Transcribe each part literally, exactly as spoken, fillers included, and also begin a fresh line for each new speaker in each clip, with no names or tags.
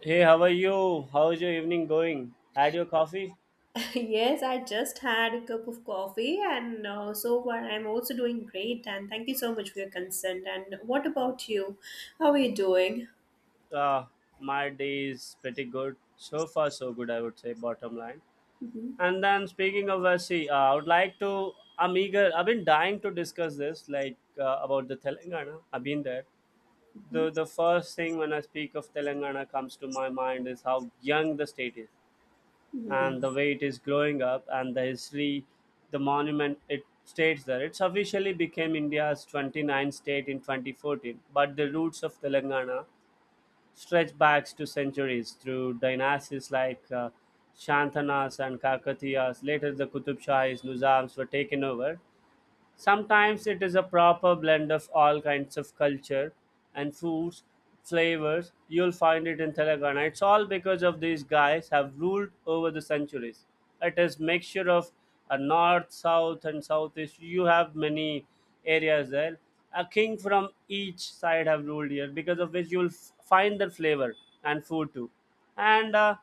Hey, how are you? How's your evening going? Had your coffee?
Yes, I just had a cup of coffee and uh, so far I'm also doing great, and thank you so much for your consent. And what about you? How are you doing?
Uh, my day is pretty good. So far, so good, I would say, bottom line.
Mhm.
And then, speaking of Vashi, uh, I would like to, I'm eager, I've been dying to discuss this, like uh, about the Telangana. I've been there. The, the first thing when I speak of Telangana comes to my mind is how young the state is, and the
Mhm.
way it is growing up and the history, the monument it states there. It's officially became india's twenty ninth state in twenty fourteen, but the roots of Telangana stretch back to centuries through dynasties like uh, Shantanas and Kakatiyas. Later the Qutub Shahis, Nizams were taken over. Sometimes it is a proper blend of all kinds of culture and foods, flavors. You'll find it in Telangana. It's all because of these guys have ruled over the centuries. It is mixture of a north, south, and southeast. You have many areas there. A king from each side have ruled here, because of which you'll f- find the flavor and food too. And uh,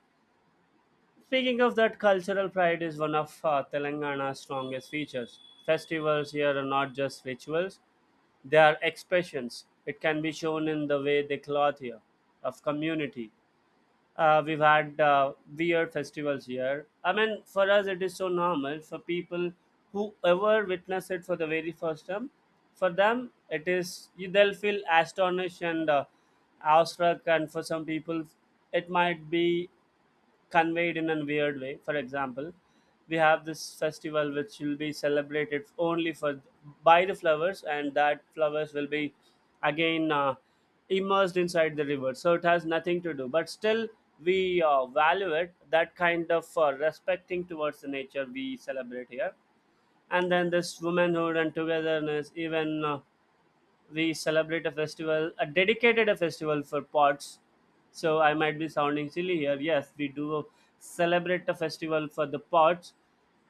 Speaking of that, cultural pride is one of uh, Telangana's strongest features. Festivals here are not just rituals, they are expressions. It can be shown in the way they clothe here, of community. Uh, we've had uh, weird festivals here. I mean, for us, it is so normal. For people who ever witness it for the very first time, for them, it is they'll feel astonished and uh, awestruck, and for some people, it might be conveyed in a weird way. For example, we have this festival which will be celebrated only for by the flowers, and that flowers will be again uh, immersed inside the river. So it has nothing to do, but still we uh, value it. That kind of uh, respecting towards the nature we celebrate here, and then this womanhood and togetherness, even. Uh, we celebrate a festival, a dedicated a festival for pots. So I might be sounding silly here. Yes, we do celebrate a festival for the pots,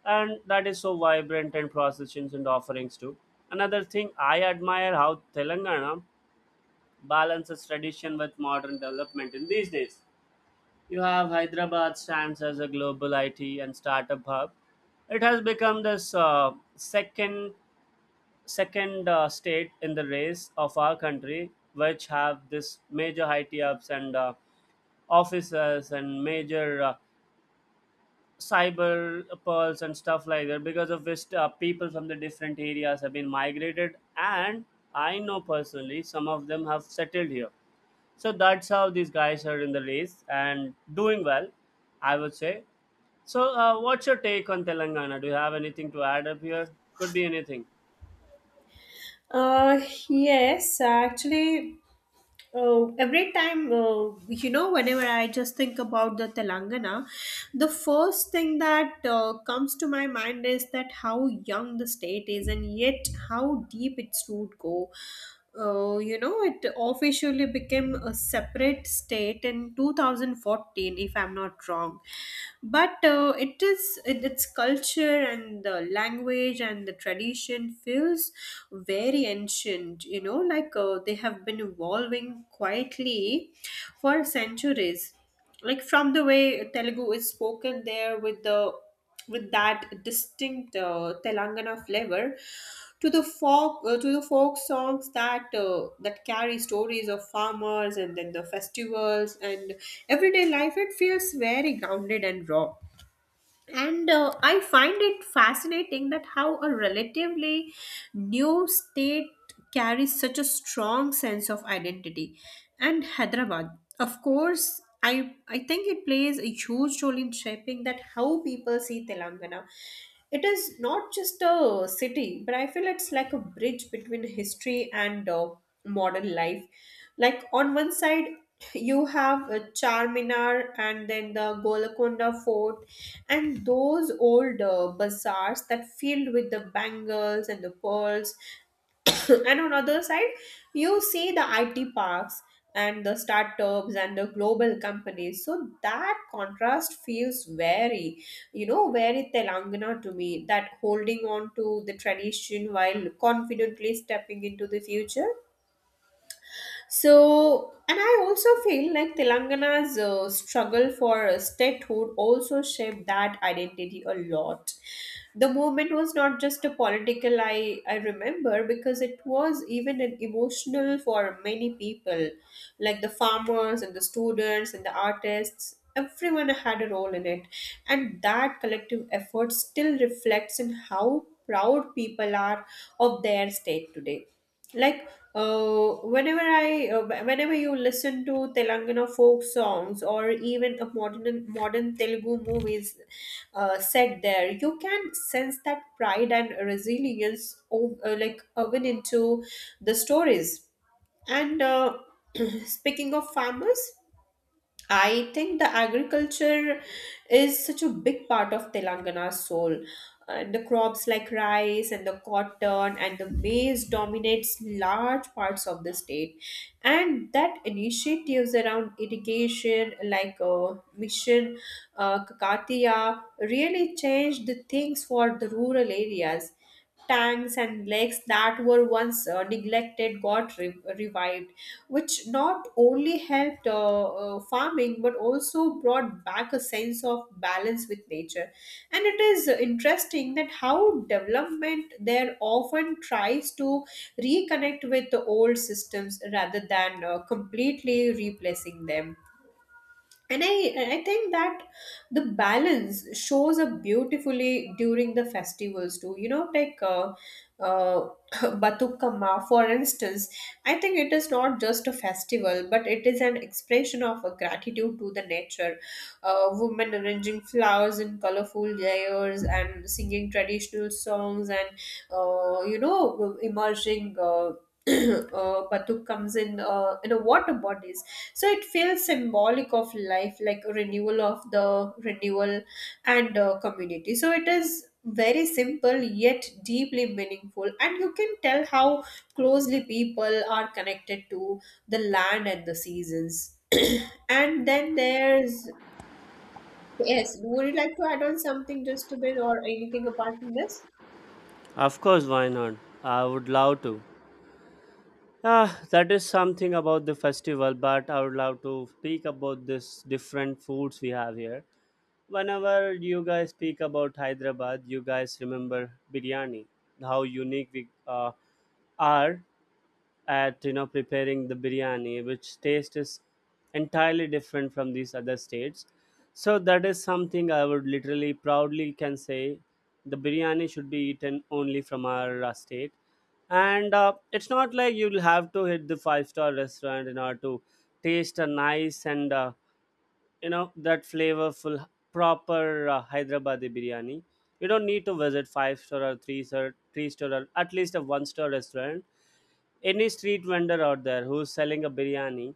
and that is so vibrant and processions and offerings too. Another thing I admire how Telangana balances tradition with modern development in these days. You have Hyderabad stands as a global I T and startup hub. It has become this uh, second second uh, state in the race of our country which have this major I T ups and uh, officers and major uh, cyber pearls and stuff like that, because of which uh, people from the different areas have been migrated, and I know personally some of them have settled here. So that's how these guys are in the race and doing well, I would say. So uh, what's your take on Telangana? Do you have anything to add up here? Could be anything.
Uh, yes, actually. Oh, every time, uh, you know, whenever I just think about the Telangana, the first thing that uh, comes to my mind is that how young the state is and yet how deep its root go. Uh, you know, it officially became a separate state in two thousand fourteen, if I'm not wrong, but uh, it is it, its culture and the language and the tradition feels very ancient, you know like uh, they have been evolving quietly for centuries, like from the way telugu is spoken there with the with that distinct uh, telangana flavor, to the folk uh, to the folk songs that uh, that carry stories of farmers, and then the festivals and everyday life. It feels very grounded and raw, and uh, I find it fascinating that how a relatively new state carries such a strong sense of identity. And Hyderabad, of course, I, I think it plays a huge role in shaping that how people see Telangana. It is not just a city, but I feel it's like a bridge between history and uh, modern life. Like on one side you have uh, Charminar and then the Golconda Fort and those old uh, bazaars that filled with the bangles and the pearls, and on other side you see the I T parks and the startups and the global companies. So that contrast feels very, you know very Telangana to me, that holding on to the tradition while confidently stepping into the future. So, and I also feel like Telangana's uh, struggle for uh, statehood also shaped that identity a lot. The movement was not just a political, I, I remember, because it was even an emotional for many people, like the farmers and the students and the artists. Everyone had a role in it, and that collective effort still reflects in how proud people are of their state today, like uh, whenever i uh, wh- whenever you listen to telangana folk songs, or even the modern modern telugu movies uh, set there, you can sense that pride and resilience o- uh, like woven into the stories. And uh, speaking of farmers, I think the agriculture is such a big part of Telangana's soul. And the crops like rice and the cotton and the maize dominates large parts of the state. And that initiatives around irrigation, like uh, Mission uh, Kakatiya, really changed the things for the rural areas. Tanks and lakes that were once uh, neglected got re- revived, which not only helped uh, uh, farming but also brought back a sense of balance with nature. And it is interesting that how development there often tries to reconnect with the old systems rather than uh, completely replacing them. And i i think that the balance shows up beautifully during the festivals too, you know like uh, uh, batukama, for instance. I think it is not just a festival but it is an expression of a gratitude to the nature. Uh, women arranging flowers in colorful layers and singing traditional songs, and uh, you know emerging uh, uh, batuk comes in uh, in a water body. So it feels symbolic of life, like a renewal of the renewal and uh, community. So it is very simple yet deeply meaningful, and you can tell how closely people are connected to the land and the seasons. And then there's, yes, would you like to add on something just a bit or anything apart from this?
Of course, why not? I would love to. Ah, that is something about the festival, but I would love to speak about this different foods we have here. Whenever you guys speak about Hyderabad, you guys remember biryani, how unique we uh, are at you know preparing the biryani which taste is entirely different from these other states. So that is something I would literally proudly can say the biryani should be eaten only from our uh, state. And uh, it's not like you'll have to hit the five star restaurant in order to taste a nice and uh, you know that flavorful proper uh, Hyderabadi biryani. You don't need to visit five star or three star three star or at least a one star restaurant. Any street vendor out there who's selling a biryani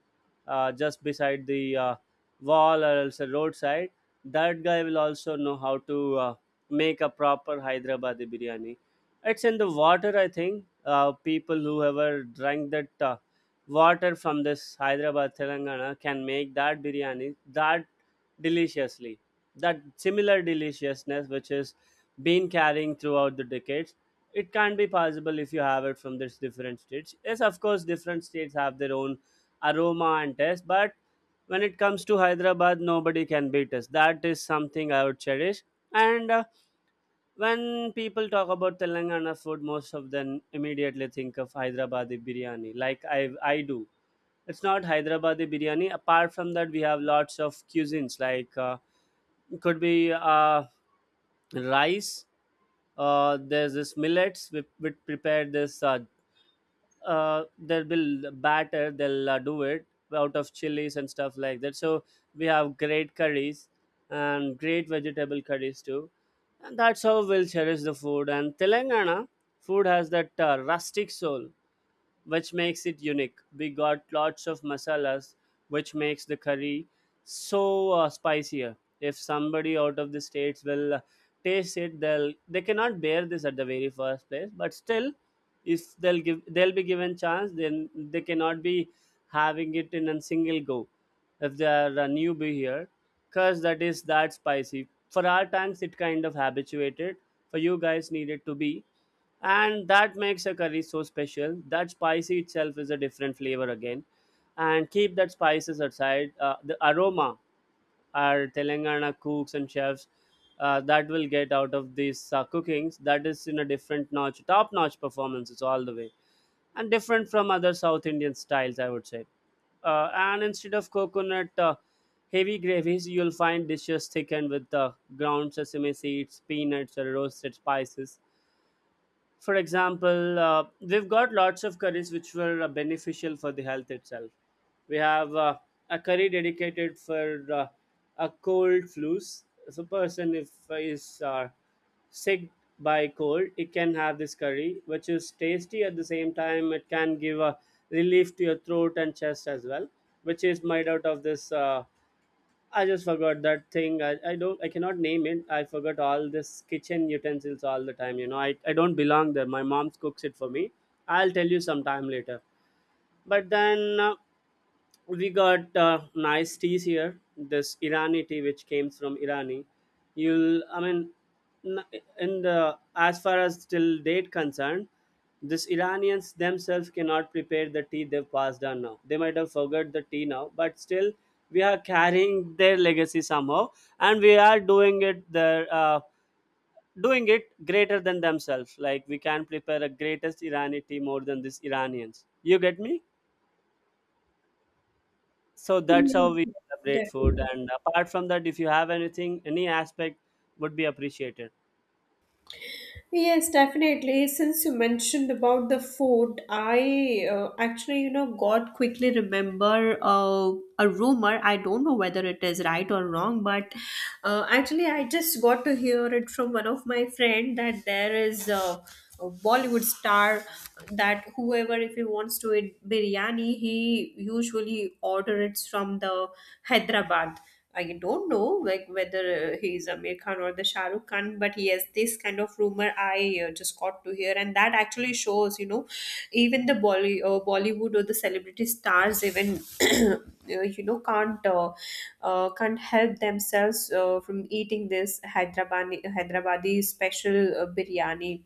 uh, just beside the uh, wall or else a roadside, that guy will also know how to uh, make a proper Hyderabadi biryani. It's in the water, I think. Uh, people who ever drank that uh, water from this Hyderabad, Telangana can make that biryani that deliciously. That similar deliciousness which is been carrying throughout the decades, it can be possible if you have it from this different states. Yes, of course, different states have their own aroma and taste, but when it comes to Hyderabad, nobody can beat us. That is something I would cherish. And uh, when people talk about Telangana food, most of them immediately think of Hyderabadi biryani, like i i do. It's not Hyderabadi biryani. Apart from that, we have lots of cuisines like uh, could be uh, rice. Uh, there's this millets, we, we prepare this, uh, uh, they'll be batter. They'll uh, do it out of chilies and stuff like that. So we have great curries and great vegetable curries too, and that's how we'll cherish the food. And Telangana food has that uh, rustic soul which makes it unique. We got lots of masalas, which makes the curry so uh, spicier. If somebody out of the states will uh, taste it, they'll they cannot bear this at the very first place. But still, if they'll give they'll be given chance, then they cannot be having it in a single go. If they are a newbie here, cause that is that spicy. For our tanks, it kind of habituated. For you guys, needed to be, and that makes a curry so special that spicy itself is a different flavor again. And keep that spices aside, uh, the aroma our Telangana cooks and chefs uh, that will get out of these uh, cookings, that is in a different notch, top notch performances all the way, and different from other South Indian styles, I would say. Uh, and instead of coconut uh, heavy gravies, you'll find dishes thickened with uh, ground sesame seeds, peanuts, or roasted spices. For example, uh, we've got lots of curries which were uh, beneficial for the health itself. We have uh, a curry dedicated for uh, a cold flus. If a person if uh, is uh, sick by cold, it can have this curry, which is tasty at the same time. It can give a relief to your throat and chest as well, which is made out of this. Uh, I just forgot that thing. I, I don't I cannot name it. I forgot all this kitchen utensils all the time. You know, I, I don't belong there. My mom cooks it for me. I'll tell you sometime later. But then uh, we got uh, nice teas here. This Irani tea, which came from Irani, you'll I mean, n- in the as far as till date concerned, this Iranians themselves cannot prepare the tea. They've passed on now. They might have forgot the tea now, but still we are carrying their legacy somehow, and we are doing it their uh, doing it greater than themselves. Like we can prepare a greatest Irani tea more than these Iranians. You get me? So that's how
Yes,
we
yes,
celebrate food.
definitely.
And apart from that, if you have anything, any aspect would be appreciated.
Yes, definitely. Since you mentioned about the food, I uh, actually, you know, got quickly remember uh, a rumor. I don't know whether it is right or wrong, but uh, actually, I just got to hear it from one of my friend that there is a, a Bollywood star, that whoever if he wants to eat biryani, he usually order it from the Hyderabad. I don't know like whether uh, he is Amir Khan or the Shah Rukh Khan, but yes, this kind of rumor I uh, just got to hear, and that actually shows, you know, even the Bolly uh, Bollywood or the celebrity stars even, uh, you know, can't uh, uh, can't help themselves uh, from eating this Hyderabadi Hyderabadi special uh, biryani.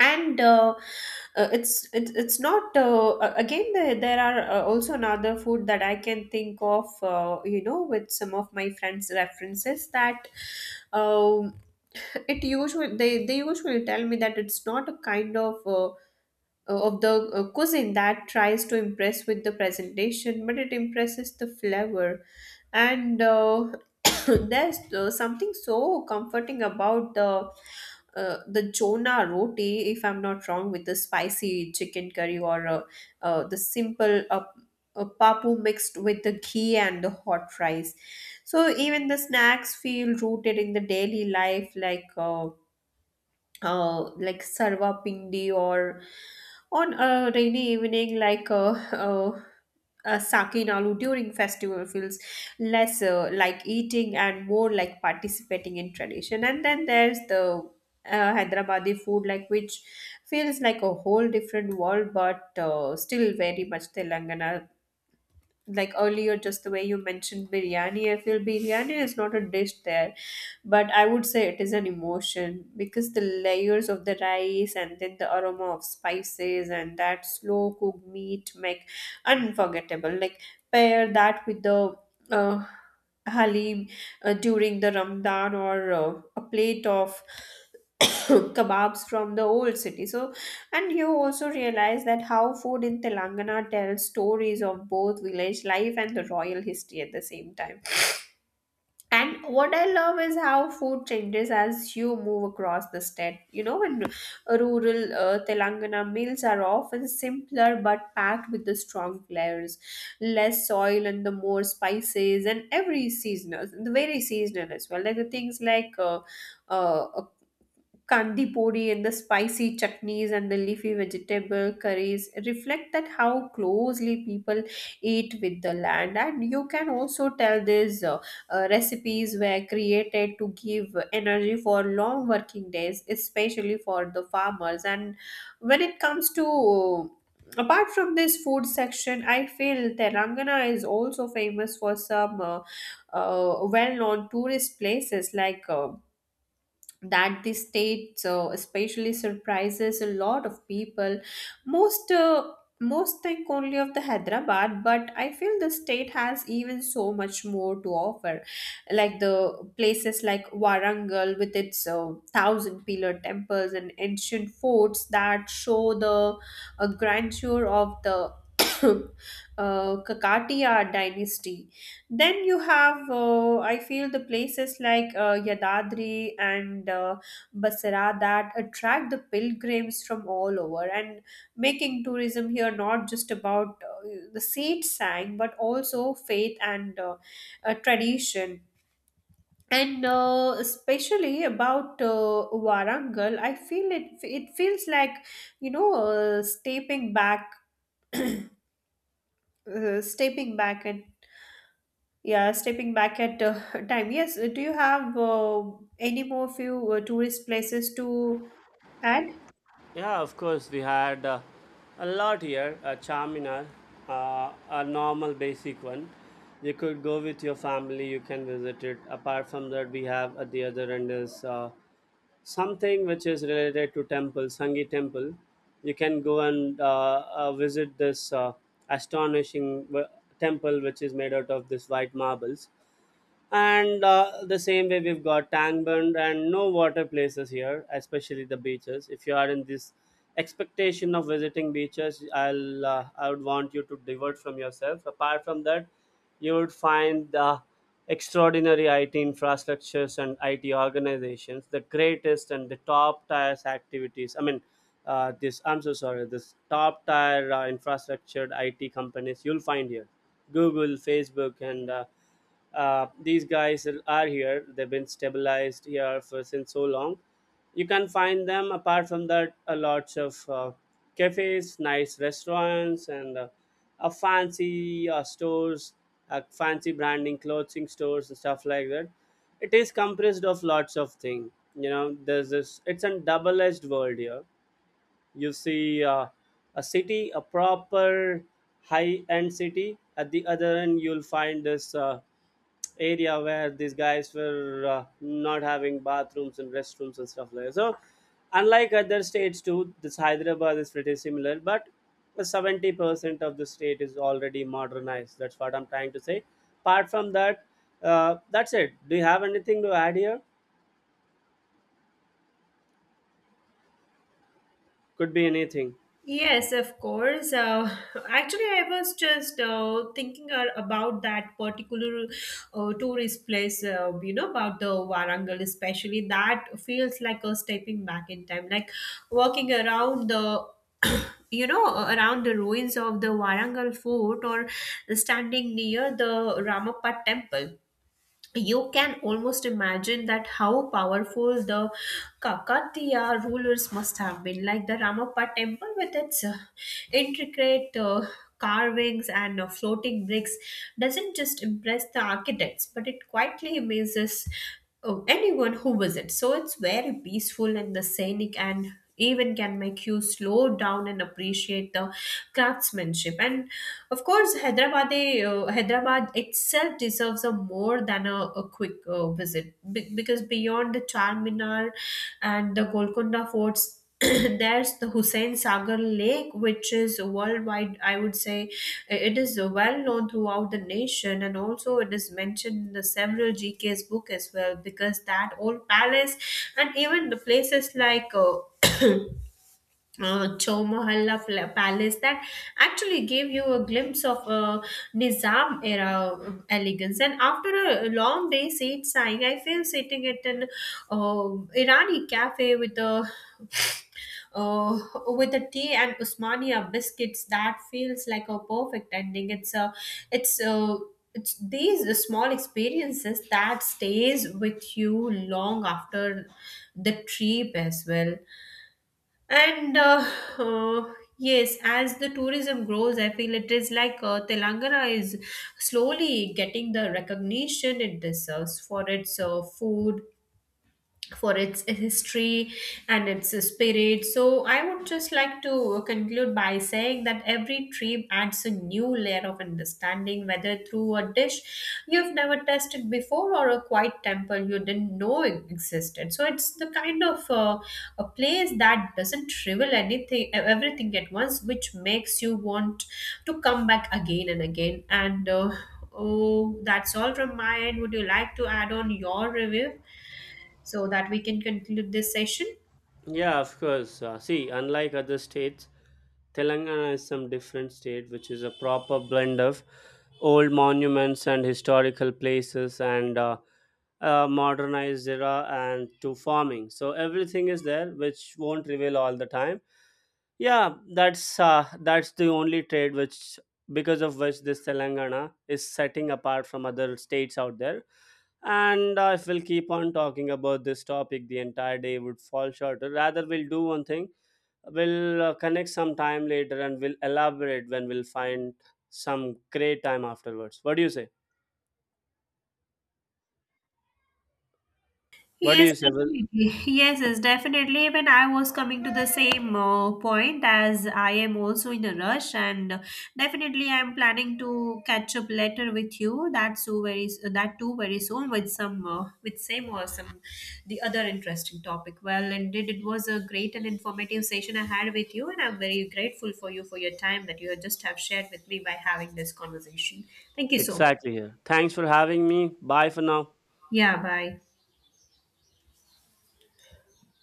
And uh, uh, it's it's it's not uh, a- again, there, there are uh, also another food that I can think of, uh, you know with some of my friends references. That um, it usually they, they usually tell me that it's not a kind of uh, of the uh, cuisine that tries to impress with the presentation, but it impresses the flavor. And uh, there's uh, something so comforting about the uh, the Jonah roti, if I'm not wrong, with the spicy chicken curry, or uh, uh, the simple uh, uh, papu mixed with the ghee and the hot rice. So even the snacks feel rooted in the daily life, like uh, uh, like sarva pindi or on a rainy evening, like a, a, a sake nalu during festival feels less uh, like eating and more like participating in tradition. And then there's the uh, Hyderabadi food, like which feels like a whole different world but uh, still very much Telangana. Like earlier, just the way you mentioned biryani, I feel biryani is not a dish there, but I would say it is an emotion, because the layers of the rice and then the aroma of spices and that slow cooked meat make unforgettable. Like pair that with the uh, halim uh, during the ramadan, or uh, a plate of kebabs from the old city. So, and you also realize that how food in Telangana tells stories of both village life and the royal history at the same time. And what I love is how food changes as you move across the state. You know, when rural uh, Telangana meals are often simpler but packed with the strong flavors, less soil and the more spices and every seasonal, the very seasonal as well. Like the things like uh, uh, kandi puri and the spicy chutneys and the leafy vegetable curries reflect that how closely people eat with the land. And you can also tell these uh, uh, recipes were created to give energy for long working days, especially for the farmers. And when it comes to, apart from this food section, I feel telangana is also famous for some uh, uh, well-known tourist places, like uh, that the state so especially surprises a lot of people. most uh, Most think only of the hyderabad, but I feel the state has even so much more to offer, like the places like warangal, with its uh, thousand pillar temples and ancient forts that show the uh, grandeur of the uh, kakatiya dynasty. Then you have, uh, I feel, the places like uh, Yadadri and uh, Basra that attract the pilgrims from all over, and making tourism here not just about uh, the seat sang, but also faith and uh, uh, tradition. And uh, especially about uh, Warangal, I feel it. It feels like, you know, uh, stepping back, uh, stepping back. And yeah, stepping back at uh, time. Yes, uh, do you have uh, any more few uh, tourist places to add?
Yeah, of course, we had uh, a lot here, a Charminar, uh, a normal basic one. You could go with your family, you can visit it. Apart from that, we have at the other end is uh, something which is related to temple, Sangi temple. You can go and uh, uh, visit this uh, astonishing w- temple which is made out of this white marbles. And uh, the same way we've got tangband and no water places here, especially the beaches. If you are in this expectation of visiting beaches, i'll uh, I would want you to divert from yourself. Apart from that, you would find the extraordinary I T infrastructures and I T organizations, the greatest and the top tier activities. I mean, uh, this I'm so sorry. This top tier uh, infrastructured I T companies you'll find here, Google, Facebook, and uh, uh, these guys are here. They've been stabilized here for since so long. You can find them. Apart from that, a lots of uh, cafes, nice restaurants, and uh, a fancy uh, stores, uh, fancy branding clothing stores and stuff like that. It is compressed of lots of things you know There's this, it's a double-edged world here. You see uh, a city, a proper high-end city. At the other end, you'll find this uh, area where these guys were uh, not having bathrooms and restrooms and stuff like that. So, unlike other states too, this Hyderabad is pretty similar, but the seventy percent of the state is already modernized. That's what I'm trying to say. Apart from that, uh, that's it. Do you have anything to add here? Could be anything.
Yes, of course. Uh, actually, I was just uh, thinking uh, about that particular uh, tourist place, uh, you know, about the Warangal, especially. That feels like a stepping back in time, like walking around the you know uh, around the ruins of the Warangal fort, or standing near the Ramappa temple, you can almost imagine that how powerful the Kakatiya rulers must have been. Like the Ramappa temple, with its uh, intricate uh, carvings and uh, floating bricks, doesn't just impress the architects, but it quietly amazes uh, anyone who visits. So it's very peaceful and the scenic, and even can make you slow down and appreciate the craftsmanship. And of course, hyderabad eh, uh, hyderabad itself deserves a more than a, a quick uh, visit. Be- because beyond the charminar and the golconda forts, there's the Hussein Sagar Lake, which is worldwide. I would say it is well known throughout the nation, and also it is mentioned in the several G K's book as well, because that old palace and even the places like. Uh, Uh, Chowmahalla Pla- Palace that actually gave you a glimpse of a Nizam era um, elegance. And after a long day sightseeing, I feel sitting at an uh, Irani cafe with a uh, with a tea and Usmania biscuits, that feels like a perfect ending. It's a, it's a, it's these small experiences that stays with you long after the trip as well. And uh, uh, yes, as the tourism grows, I feel it is like uh, Telangana is slowly getting the recognition it deserves for its uh, food, for its history and its spirit. So, I would just like to conclude by saying that every trip adds a new layer of understanding, whether through a dish you've never tasted before or a quiet temple you didn't know existed. So, it's the kind of uh, a place that doesn't reveal anything, everything at once, which makes you want to come back again and again. And uh, oh, that's all from my end. Would you like to add on your review, so that we can conclude this session?
Yeah, of course. Uh, see, unlike other states, Telangana is some different state, which is a proper blend of old monuments and historical places and uh, uh, modernized era and to farming. So everything is there, which won't reveal all the time. Yeah, that's uh, that's the only trade which because of which this Telangana is setting apart from other states out there. And uh, if we'll keep on talking about this topic, the entire day would fall short. Rather, we'll do one thing. We'll uh, connect some time later and we'll elaborate when we'll find some great time afterwards. What do you say? What do
Yes,
you say? Well,
definitely. Yes, yes, definitely. Even I was coming to the same uh, point, as I am also in a rush. And uh, definitely I am planning to catch up later with you. That so very s- that too very soon, with some uh, with same or some the other interesting topic. Well, indeed, it was a great and informative session I had with you, and I'm very grateful for you for your time that you just have shared with me by having this conversation. Thank you so much.
exactly here. Thanks for having me. Bye for now.
Yeah, bye.